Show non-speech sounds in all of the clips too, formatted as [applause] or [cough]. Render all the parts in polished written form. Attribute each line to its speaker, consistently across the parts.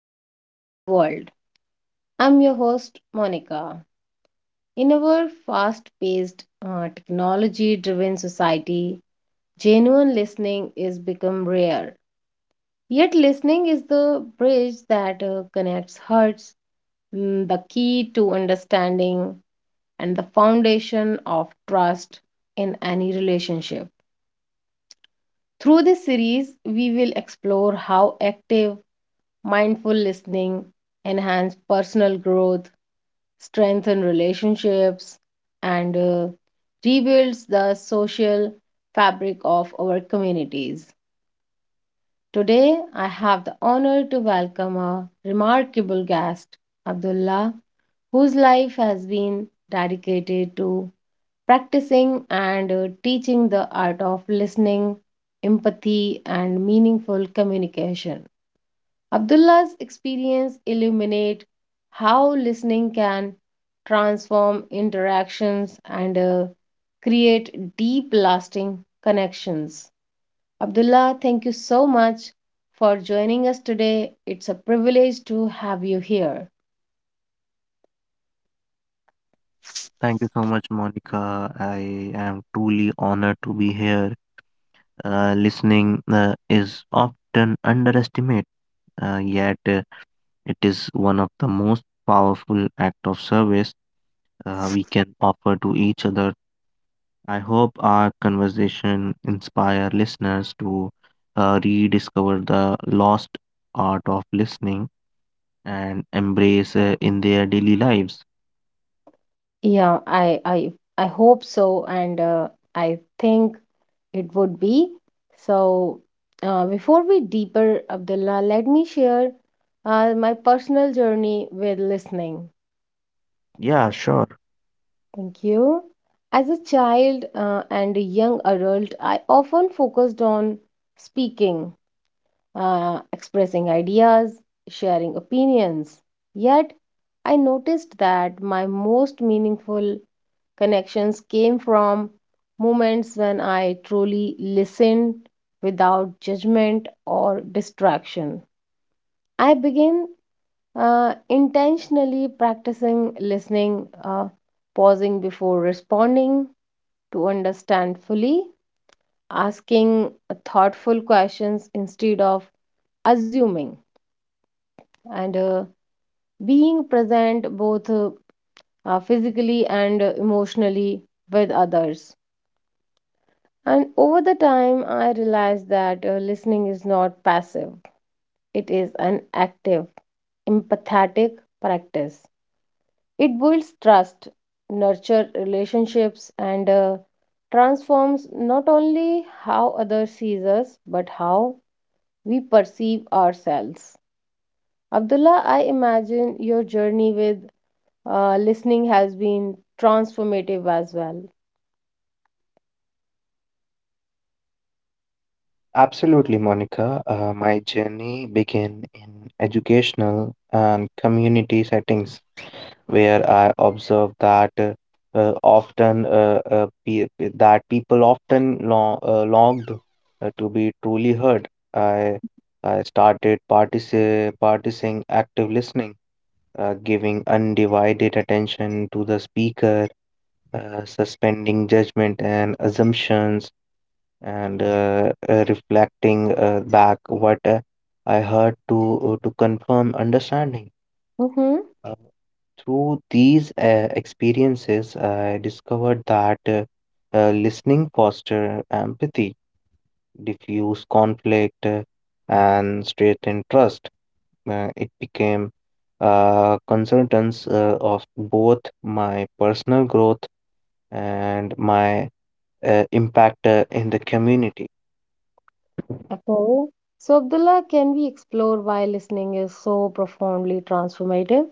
Speaker 1: a noisy world. I'm your host, Monica. In our fast paced, technology driven society, genuine listening is become rare. Yet, listening is the bridge that connects hearts, the key to understanding, and the foundation of trust in any relationship. Through this series, we will explore how active, mindful listening enhance personal growth, strengthen relationships, and rebuilds the social fabric of our communities. Today, I have the honor to welcome a remarkable guest, Abdullah whose life has been dedicated to practicing and teaching the art of listening, empathy, and meaningful communication. Abdullah's experience illuminate how listening can transform interactions and create deep lasting connections. Abdullah, thank you so much for joining us today. It's a privilege to have you here.
Speaker 2: Thank you so much, Monica. I am truly honored to be here. Listening is often underestimated, yet it is one of the most powerful act of service we can offer to each other. I hope our conversation inspire listeners to rediscover the lost art of listening and embrace in their daily lives.
Speaker 1: Yeah, I hope so, and I think it would be. So, before we deeper, Abdullah, let me share my personal journey with listening.
Speaker 2: Yeah, sure.
Speaker 1: Thank you. As a child and a young adult, I often focused on speaking, expressing ideas, sharing opinions. Yet, I noticed that my most meaningful connections came from moments when I truly listened without judgment or distraction. I began intentionally practicing listening, pausing before responding to understand fully, asking thoughtful questions instead of assuming, and being present both physically and emotionally with others. And over the time, I realized that listening is not passive, it is an active, empathetic practice. It builds trust, nurtures relationships, and transforms not only how others sees us, but how we perceive ourselves. Abdullah, I imagine your journey with listening has been transformative as well.
Speaker 2: Absolutely, Monica. My journey began in educational and community settings where I observed that often pe that people often long, longed to be truly heard. I started partici practicing active listening, giving undivided attention to the speaker, suspending judgment and assumptions, and reflecting back what I heard to confirm understanding.
Speaker 1: Mm-hmm.
Speaker 2: Uh, Through these experiences, I discovered that listening foster empathy, diffuse conflict, and strengthen trust. It became a consultants of both my personal growth and my impact in the community.
Speaker 1: Okay. So, Abdullah, can we explore why listening is so profoundly transformative?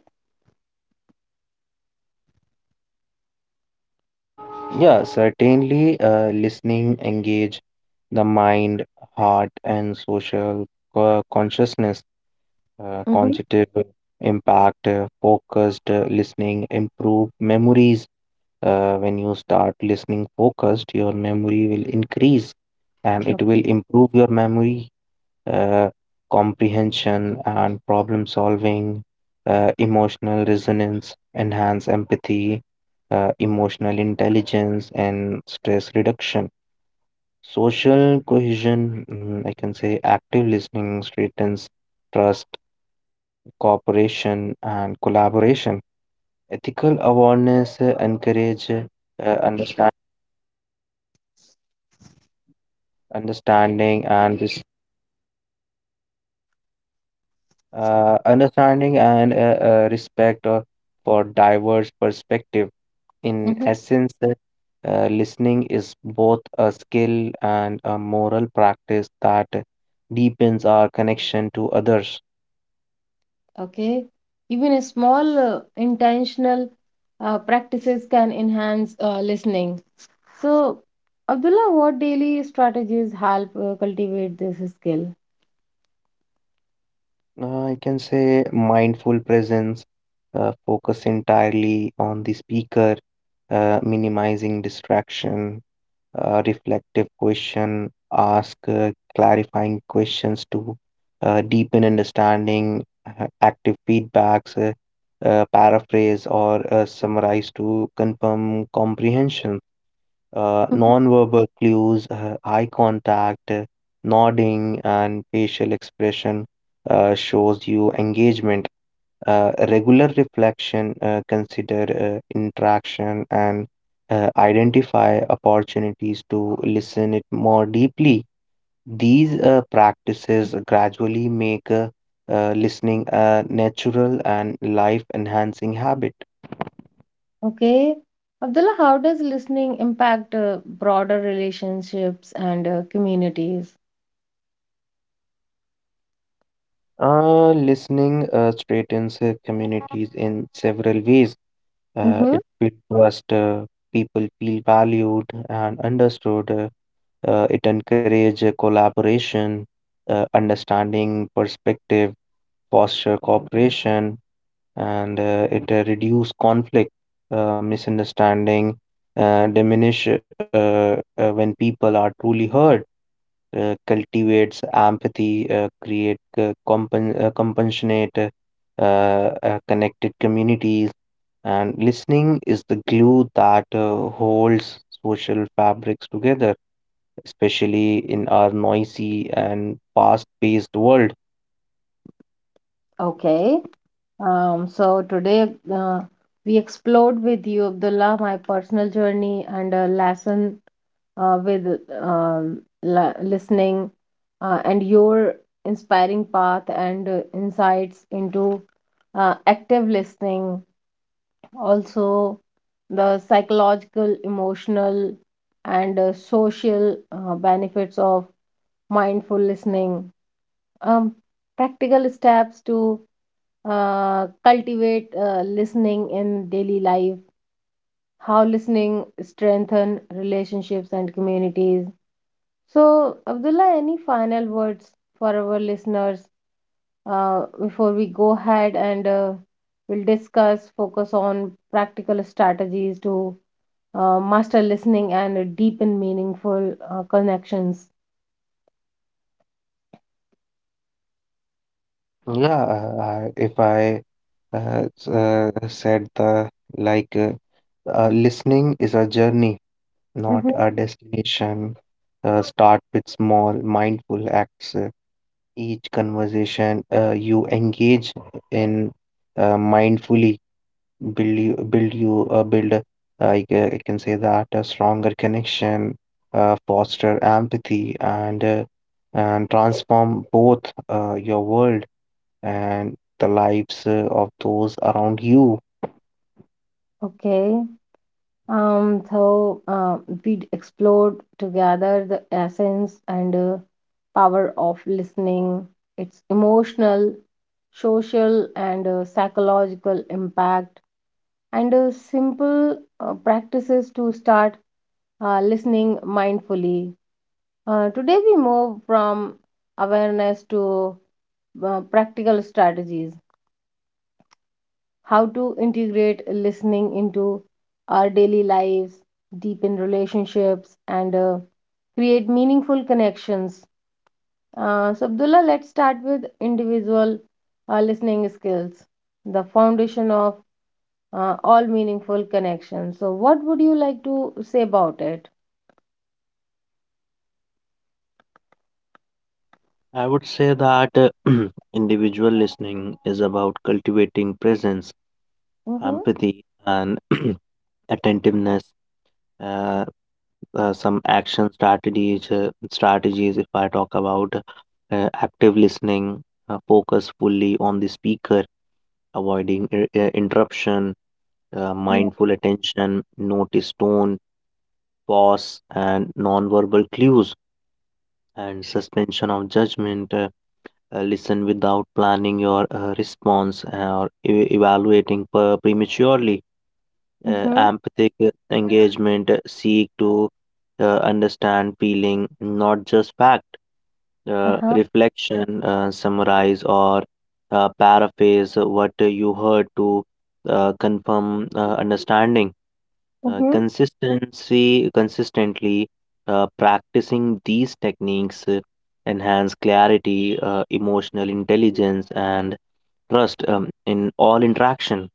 Speaker 2: Yeah, certainly. Listening engage the mind, heart, and social consciousness,
Speaker 1: Hmm.
Speaker 2: cognitive impact, focused listening, improve memories. When you start listening focused, your memory will increase and it will improve your memory, uh, comprehension and problem solving, emotional resonance, enhance empathy, emotional intelligence, and stress reduction. Social cohesion, I can say active listening strengthens trust, cooperation, and collaboration. Ethical awareness encourage understand, understanding and understanding and respect for diverse perspective. In
Speaker 1: Hmm.
Speaker 2: essence, listening is both a skill and a moral practice that deepens our connection to others.
Speaker 1: Okay. Even a small intentional practices can enhance listening. So, Abdullah, what daily strategies help cultivate this skill?
Speaker 2: I can say mindful presence, focus entirely on the speaker, minimizing distraction, reflective question, ask clarifying questions to deepen understanding, active feedbacks, paraphrase or summarize to confirm comprehension,
Speaker 1: Mhm.
Speaker 2: nonverbal clues, eye contact, nodding, and facial expression shows you engagement, regular reflection, consider interaction, and identify opportunities to listen it more deeply. These practices gradually make listening a natural and life enhancing habit.
Speaker 1: Okay. Abdullah, how does listening impact broader relationships and communities?
Speaker 2: Listening straightens communities in several ways.
Speaker 1: Mm-hmm.
Speaker 2: It builds trust. People feel valued and understood. It encourages collaboration, understanding perspective, foster cooperation, and it reduce conflict, misunderstanding, diminish when people are truly heard. Cultivates empathy, create compassionate, connected communities, and listening is the glue that holds social fabrics together, especially in our noisy and fast-paced world.
Speaker 1: Okay. So today we explored with you, Abdullah, my personal journey and a lesson with listening and your inspiring path and insights into active listening, also the psychological, emotional, and social benefits of mindful listening, um, practical steps to cultivate listening in daily life, how listening strengthen relationships and communities. So, Abdullah, any final words for our listeners before we go ahead and we'll discuss focus on practical strategies to master listening and deepen meaningful connections.
Speaker 2: Yeah, if I s- said the like, Listening is a journey, not
Speaker 1: Hmm.
Speaker 2: a destination. Start with small, mindful acts. Each conversation you engage in mindfully, build you build you build a- I, ca- I can say that, a stronger connection, foster empathy and transform both your world and the lives of those around you.
Speaker 1: Okay. So we explored together the essence and power of listening, its emotional, social, and psychological impact, and simple practices to start listening mindfully. Today, we move from awareness to practical strategies, how to integrate listening into our daily lives, deepen relationships, and create meaningful connections. So, Abdullah, let's start with individual listening skills, the foundation of all meaningful connections. So, what would you like to say about it?
Speaker 2: I would say that [clears throat] individual listening is about cultivating presence,
Speaker 1: Mm-hmm.
Speaker 2: empathy, and [clears throat] attentiveness. Uh, some action strategies, if I talk about active listening, focus fully on the speaker, avoiding interruption,
Speaker 1: Yeah.
Speaker 2: mindful attention, notice tone, pause and non-verbal clues, and suspension of judgment. Listen without planning your response or evaluating prematurely.
Speaker 1: Mm-hmm.
Speaker 2: Empathic engagement, seek to understand feeling, not just fact.
Speaker 1: Uh-huh.
Speaker 2: Reflection, summarize, or paraphrase what you heard to confirm understanding.
Speaker 1: Mm-hmm.
Speaker 2: Consistency, consistently practicing these techniques enhance clarity, emotional intelligence, and trust in all interaction.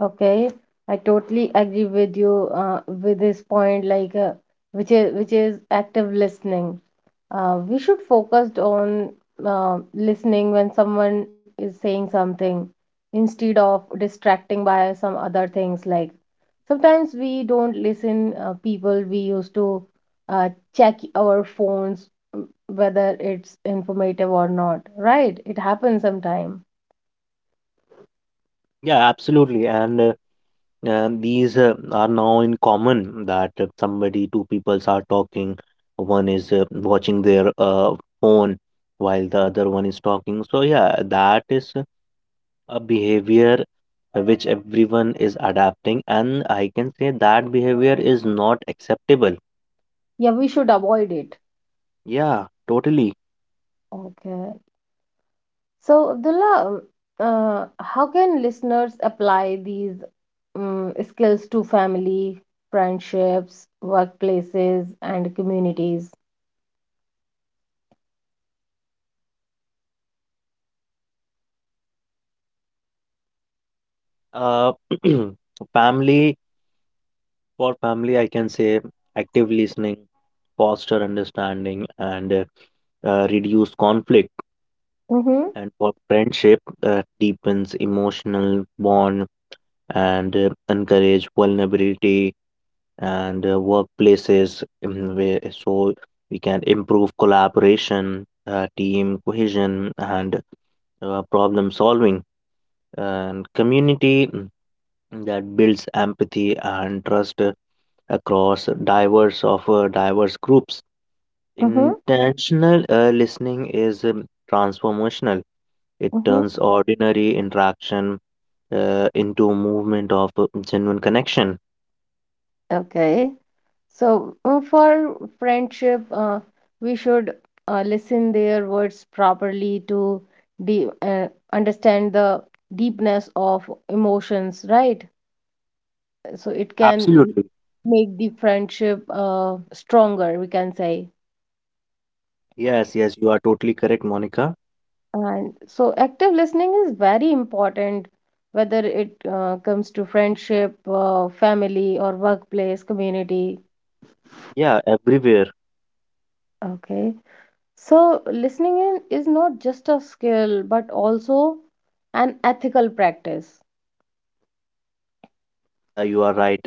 Speaker 1: Okay, I totally agree with you with this point, like which is active listening. We should focus on listening when someone is saying something instead of distracting by some other things, like sometimes we don't listen people, we used to uh, check our phones, whether it's informative or not, right? It happens sometime.
Speaker 2: Yeah, absolutely, and. These are now in common that if somebody, two peoples are talking, one is watching their phone while the other one is talking. So, yeah, that is a behavior which everyone is adapting, and I can say that behavior is not acceptable.
Speaker 1: Yeah, we should avoid it.
Speaker 2: Yeah, totally.
Speaker 1: Okay, so Abdullah, how can listeners apply these skills to family, friendships, workplaces, and communities?
Speaker 2: Uh, [clears throat] Family, for family, I can say active listening, foster understanding, and reduce conflict.
Speaker 1: Mm-hmm,
Speaker 2: And for friendship, that deepens emotional bond and encourage vulnerability, and workplaces, where, so we can improve collaboration, team cohesion, and problem solving, and community, that builds empathy and trust across diverse groups.
Speaker 1: mm-hmm,
Speaker 2: Intentional listening is transformational. It
Speaker 1: mm-hmm.
Speaker 2: turns ordinary interaction into a movement of genuine connection.
Speaker 1: Okay. So for friendship, we should listen their words properly to de understand the deepness of emotions, right? So it can
Speaker 2: Absolutely.
Speaker 1: make the friendship stronger, we can say.
Speaker 2: Yes, yes, you are totally correct, Monica.
Speaker 1: And so, active listening is very important, whether it comes to friendship, family, or workplace, community.
Speaker 2: Yeah, everywhere.
Speaker 1: Okay. So, listening in is not just a skill, but also an ethical practice.
Speaker 2: Yeah, you are right.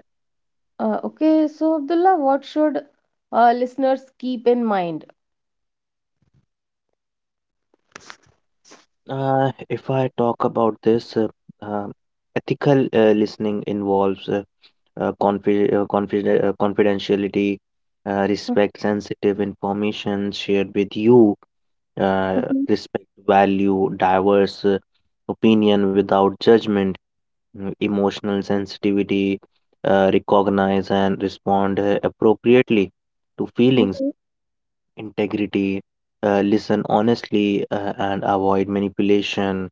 Speaker 1: Okay. So, Abdullah, what should listeners keep in mind?
Speaker 2: If I talk about this, uh, ethical listening involves confidentiality, respect sensitive information shared with you, uh,
Speaker 1: Mhm.
Speaker 2: respect value diverse opinion without judgment, emotional sensitivity, recognize and respond appropriately to feelings,
Speaker 1: Mhm.
Speaker 2: integrity, listen honestly, and avoid manipulation.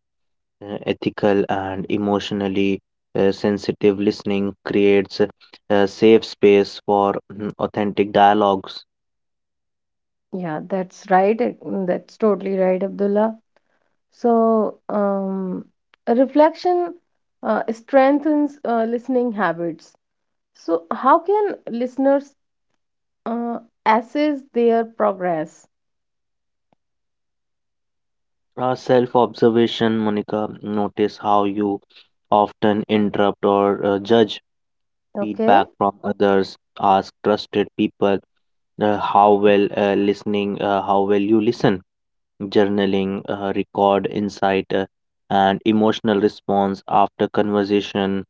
Speaker 2: Ethical and emotionally sensitive listening creates a safe space for authentic dialogues.
Speaker 1: Yeah, that's right. That's totally right, Abdullah. So, a reflection strengthens listening habits. So, how can listeners uh, assess their progress?
Speaker 2: Self observation, Monica, notice how you often interrupt or judge,
Speaker 1: Okay.
Speaker 2: feedback from others, ask trusted people how well listening, how well you listen, journaling, record insight, and emotional response after conversation,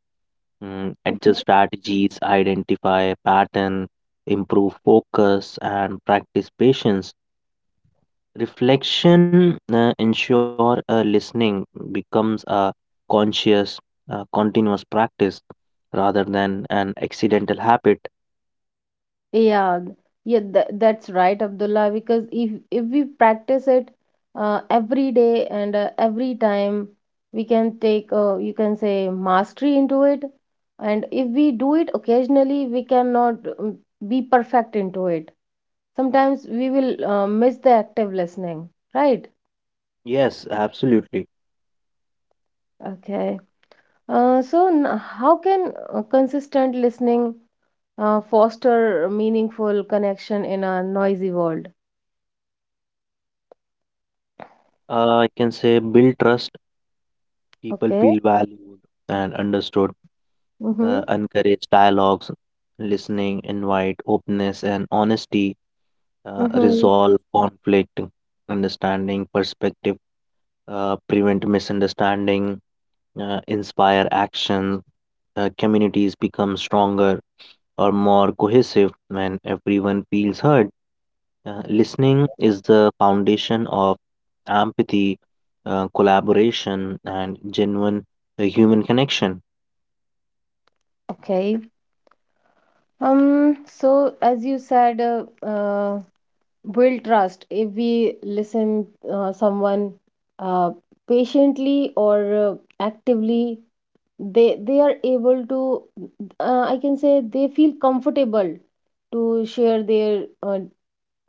Speaker 2: adjust
Speaker 1: Mhm.
Speaker 2: strategies, identify a pattern, improve focus and practice patience, reflection. Ensure listening becomes a conscious, continuous practice rather than an accidental habit.
Speaker 1: Yeah, th- yeah, that's right, Abdullah. Because if we practice it every day and every time, we can take you can say mastery into it. And if we do it occasionally, we cannot be perfect into it. Sometimes we will miss the active listening, right?
Speaker 2: Yes, absolutely.
Speaker 1: Okay. How can consistent listening foster meaningful connection in a noisy world?
Speaker 2: I can say build trust, people
Speaker 1: Okay.
Speaker 2: feel valued and understood,
Speaker 1: Mm-hmm.
Speaker 2: encourage dialogues, listening, invite openness and honesty,
Speaker 1: Mm-hmm.
Speaker 2: resolve conflict, understanding perspective, prevent misunderstanding, inspire action, communities become stronger or more cohesive when everyone feels heard. Listening is the foundation of empathy, collaboration, and genuine human connection.
Speaker 1: Okay. As you said, build trust. If we listen someone uh, patiently or uh, actively, they are able to I can say they feel comfortable to share their uh,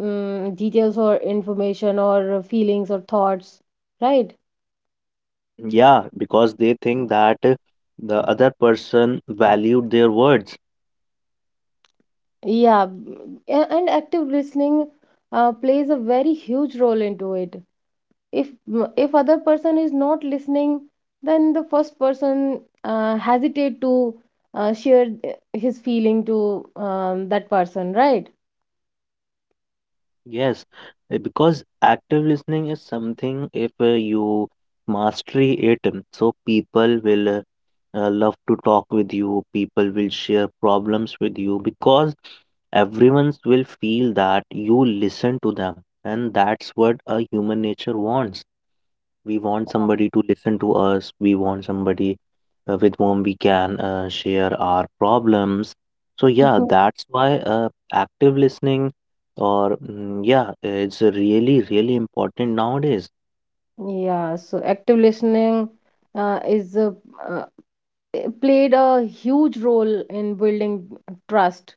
Speaker 1: um, details or information or feelings or thoughts, right?
Speaker 2: Yeah, because they think that the other person valued their words.
Speaker 1: And active listening plays a very huge role into it. If other person is not listening, then the first person hesitate to share his feeling to that person, right?
Speaker 2: Yes, because active listening is something, if you mastery it, so people will love to talk with you, people will share problems with you, because everyone will feel that you listen to them, and that's what a human nature wants. We want somebody to listen to us. We want somebody with whom we can share our problems. So yeah, that's why active listening or yeah, it's really really important nowadays.
Speaker 1: Yeah, so active listening uh, is a, uh, it played a huge role in building trust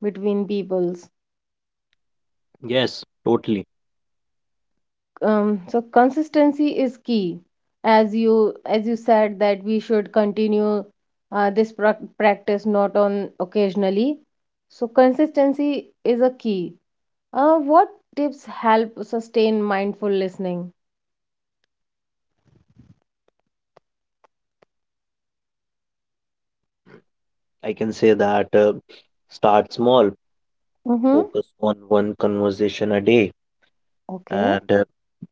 Speaker 1: between peoples.
Speaker 2: Yes, totally.
Speaker 1: So consistency is key, as you said that we should continue this practice not on occasionally. So consistency is a key. What tips help sustain mindful listening?
Speaker 2: I can say that start small,
Speaker 1: Mm-hmm.
Speaker 2: focus on one conversation a day,
Speaker 1: Okay.
Speaker 2: and uh,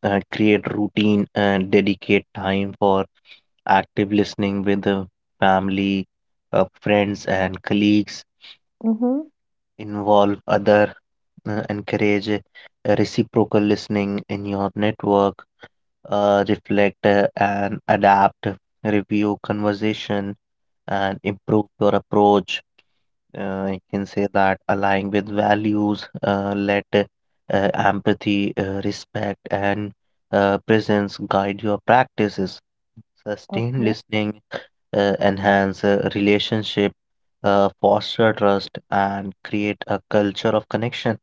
Speaker 2: uh, create routine and dedicate time for active listening with the family, friends, and colleagues.
Speaker 1: Mm-hmm.
Speaker 2: Involve other, encourage reciprocal listening in your network, reflect and adapt, review conversation and improve your approach. You can say that align with values, let empathy, respect, and presence guide your practices. Sustained
Speaker 1: Okay.
Speaker 2: listening enhance relationship, foster trust, and create a culture of connection.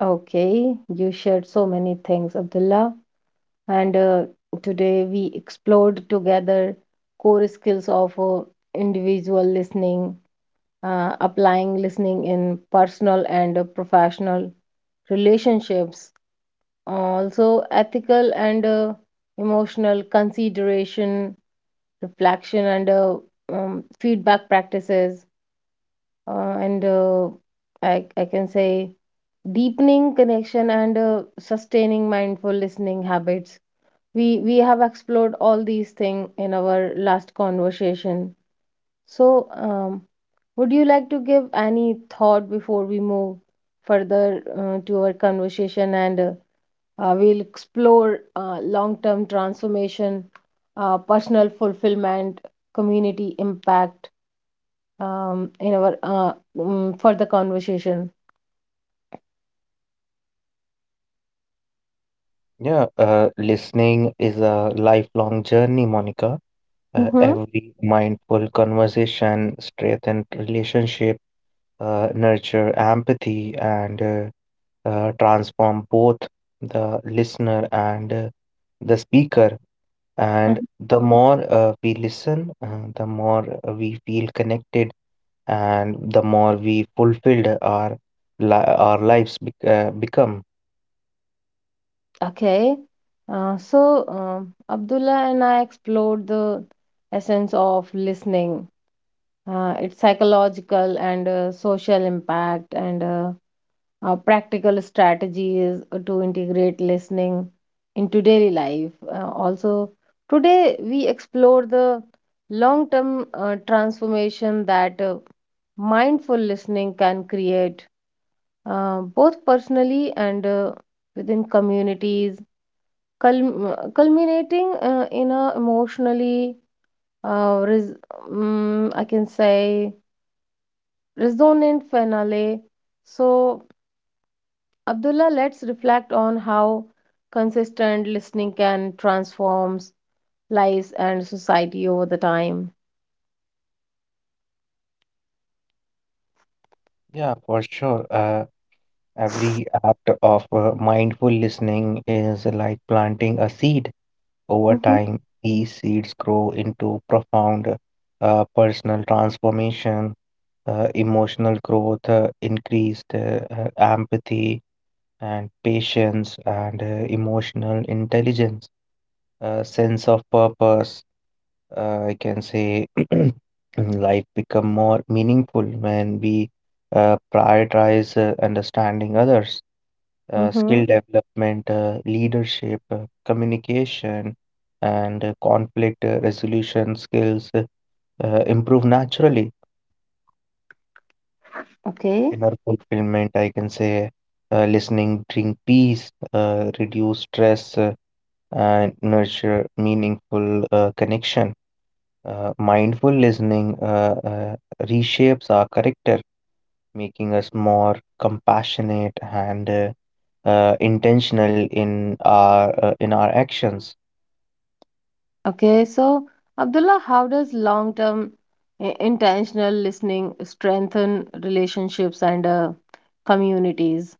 Speaker 1: Okay, you shared so many things, Abdullah. And today we explored together core skills of individual listening, applying listening in personal and professional relationships, also ethical and emotional consideration, reflection, and feedback practices. And I can say deepening connection and sustaining mindful listening habits, we have explored all these things in our last conversation. So, would you like to give any thought before we move further to our conversation, and we'll explore long-term transformation, personal fulfillment, community impact, in our further conversation?
Speaker 2: Yeah, listening is a lifelong journey, Monica.
Speaker 1: Mm-hmm.
Speaker 2: Every mindful conversation strengthens relationship, nurture empathy, and transform both the listener and the speaker. And the more we listen, the more we feel connected, and the more we fulfilled our our lives become.
Speaker 1: Okay. Abdullah and I explored the essence of listening, its psychological and social impact, and practical strategies to integrate listening into daily life. Also, today we explore the long term transformation that mindful listening can create, both personally and within communities, culminating in a emotionally uh, res- I can say resonant finale. So, Abdullah, let's reflect on how consistent listening can transforms lives and society over the time.
Speaker 2: Yeah, for sure. Every act of mindful listening is like planting a seed. Over
Speaker 1: Mm-hmm.
Speaker 2: time, these seeds grow into profound personal transformation, emotional growth, increased empathy and patience, and emotional intelligence, sense of purpose. I can say [clears throat] life become more meaningful when we prioritize understanding others,
Speaker 1: Mm-hmm.
Speaker 2: skill development, leadership, communication, and conflict resolution skills improve naturally.
Speaker 1: Okay.
Speaker 2: Inner fulfillment, I can say, listening bring peace, reduce stress, and nurture meaningful connection. Mindful listening reshapes our character, making us more compassionate and intentional in our actions.
Speaker 1: Okay, so Abdullah, how does long-term intentional listening strengthen relationships and communities?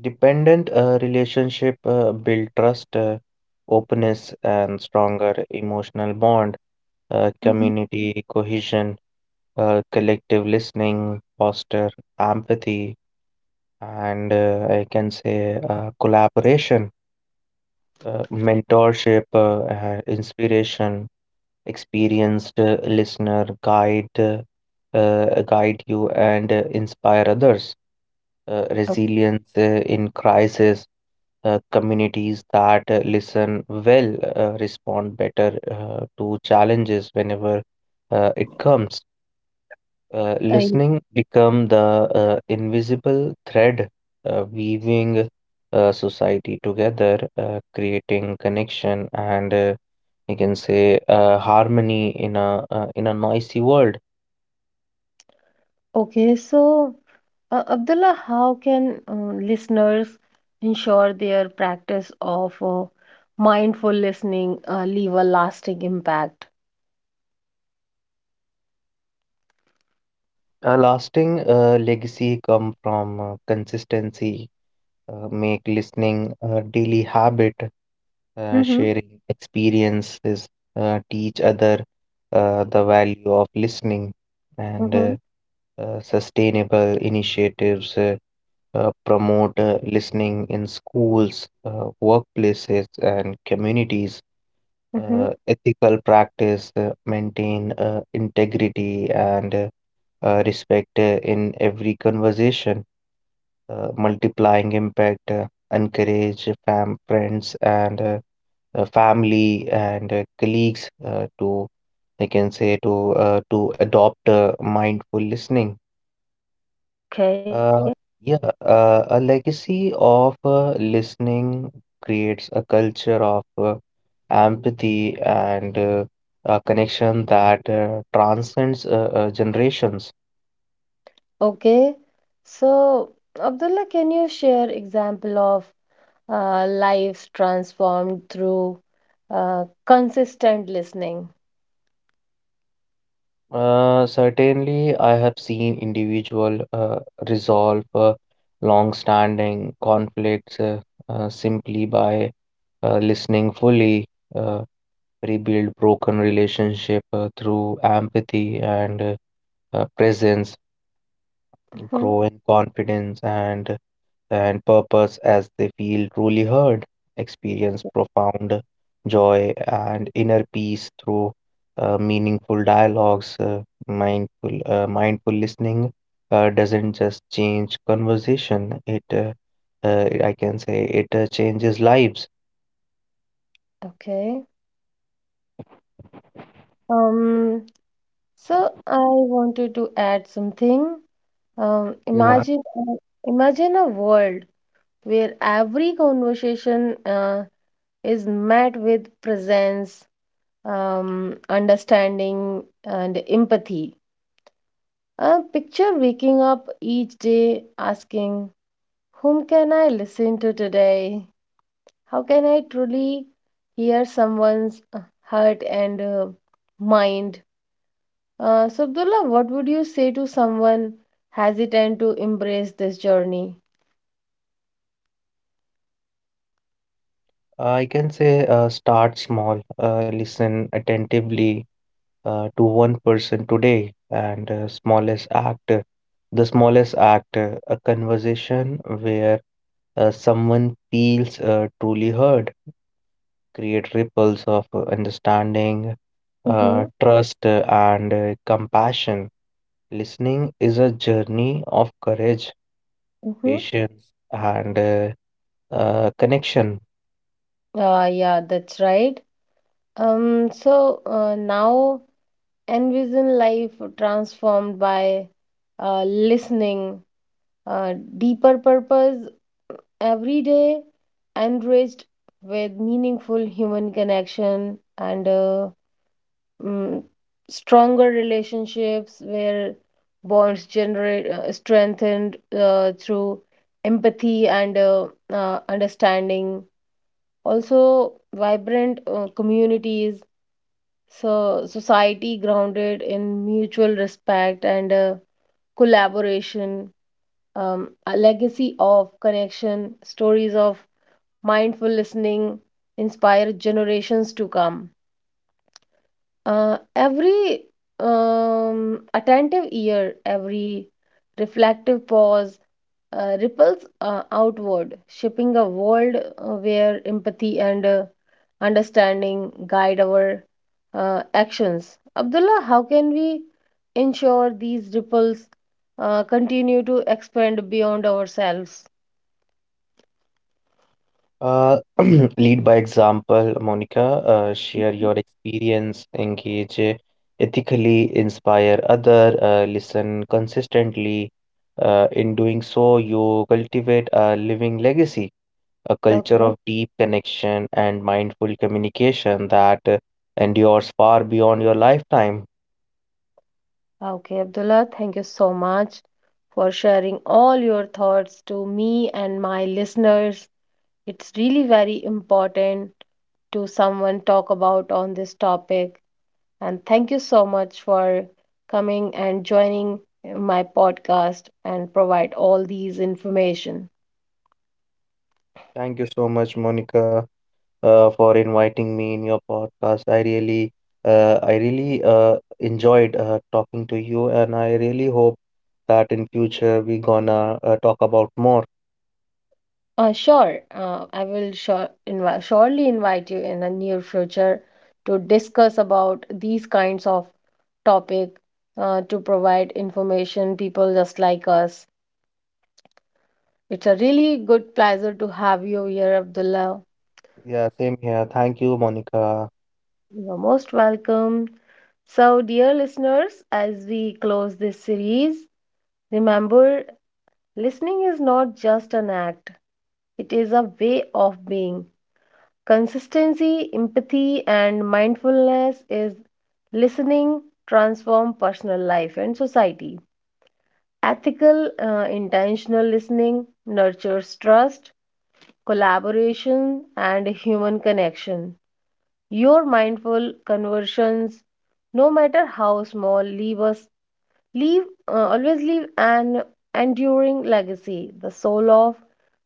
Speaker 2: Dependent relationship build trust, openness, and stronger emotional bond.
Speaker 1: Mm-hmm.
Speaker 2: Community cohesion, collective listening, foster empathy, and I can say collaboration, mentorship, inspiration, experienced listener guide, guide you and inspire others. Resilience in crisis, communities that listen well respond better to challenges whenever it comes.
Speaker 1: Okay.
Speaker 2: Listening become the invisible thread weaving society together, creating connection, and you can say harmony in a in a noisy world.
Speaker 1: Okay, so Abdullah, how can listeners ensure their practice of mindful listening leave a lasting impact?
Speaker 2: A lasting legacy come from consistency, make listening a daily habit,
Speaker 1: Mm-hmm.
Speaker 2: sharing experiences, teach other the value of listening, and
Speaker 1: Mm-hmm,
Speaker 2: sustainable initiatives, promote listening in schools, workplaces, and communities.
Speaker 1: mm-hmm.
Speaker 2: Ethical practice, maintain integrity and respect in every conversation, multiplying impact, encourage fam friends and family and colleagues to I can say to adopt mindful listening.
Speaker 1: Okay,
Speaker 2: Uh, yeah, a legacy of listening creates a culture of empathy and a connection that transcends generations.
Speaker 1: okay. So, Abdullah, can you share example of lives transformed through consistent listening?
Speaker 2: Certainly, I have seen individual resolve long-standing conflicts simply by listening fully, uh, rebuild broken relationship through empathy and presence,
Speaker 1: Mm-hmm.
Speaker 2: grow in confidence and purpose as they feel truly heard, experience profound joy and inner peace through meaningful dialogues. Mindful listening doesn't just change conversation; it, I can say, it changes lives.
Speaker 1: Okay. Um, so I wanted to add something. Um,
Speaker 2: Yeah.
Speaker 1: imagine uh, Imagine a world where every conversation is met with presence, understanding, and empathy. Picture waking up each day asking, "Whom can I listen to today? How can I truly hear someone's heart and mind?" So, Abdullah, what would you say to someone hesitant to embrace this journey?
Speaker 2: I can say start small, listen attentively to one person today, and the smallest act, a conversation where someone feels truly heard, create ripples of understanding,
Speaker 1: Mm-hmm.
Speaker 2: trust, and compassion. Listening is a journey of courage,
Speaker 1: Mm-hmm.
Speaker 2: patience, and connection.
Speaker 1: Yeah, that's right. Now envision life transformed by listening, deeper purpose every day, enriched with meaningful human connection and mm, stronger relationships where bonds generate strengthened through empathy and understanding. Also, vibrant communities. So, society grounded in mutual respect and collaboration, a legacy of connection, stories of mindful listening inspire generations to come. Every attentive ear, every reflective pause ripples outward, shaping a world where empathy and understanding guide our actions. Abdullah, how can we ensure these ripples continue to expand beyond ourselves?
Speaker 2: Uh, [clears throat] Lead by example, Monica. Share your experience, engage ethically, inspire other, listen consistently. In doing so, you cultivate a living legacy, a culture
Speaker 1: Okay.
Speaker 2: of deep connection and mindful communication that endures far beyond your lifetime.
Speaker 1: Okay, Abdullah, thank you so much for sharing all your thoughts to me and my listeners. It's really very important to someone talk about on this topic. And thank you so much for coming and joining my podcast and provide all these information.
Speaker 2: Thank you so much, Monica, for inviting me in your podcast. I really enjoyed talking to you, and I really hope that in future we gonna talk about more.
Speaker 1: Sure, I will surely invite you in the near future to discuss about these kinds of topic to provide information people just like us. It's a really good pleasure to have you here, Abdullah.
Speaker 2: Yeah, same here. Thank you, Monica.
Speaker 1: You're most welcome. So, dear listeners, as we close this series, remember, listening is not just an act, it is a way of being. Consistency, empathy, and mindfulness is listening, transform personal life and society. Ethical, intentional listening nurtures trust, collaboration, and human connection. Your mindful conversions, no matter how small, leave us Leave always leave an enduring legacy, the soul of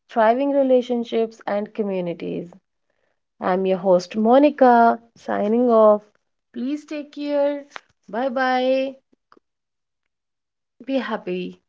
Speaker 1: thriving relationships and communities. I'm your host Monica, signing off. Please take care. Bye bye. Be happy.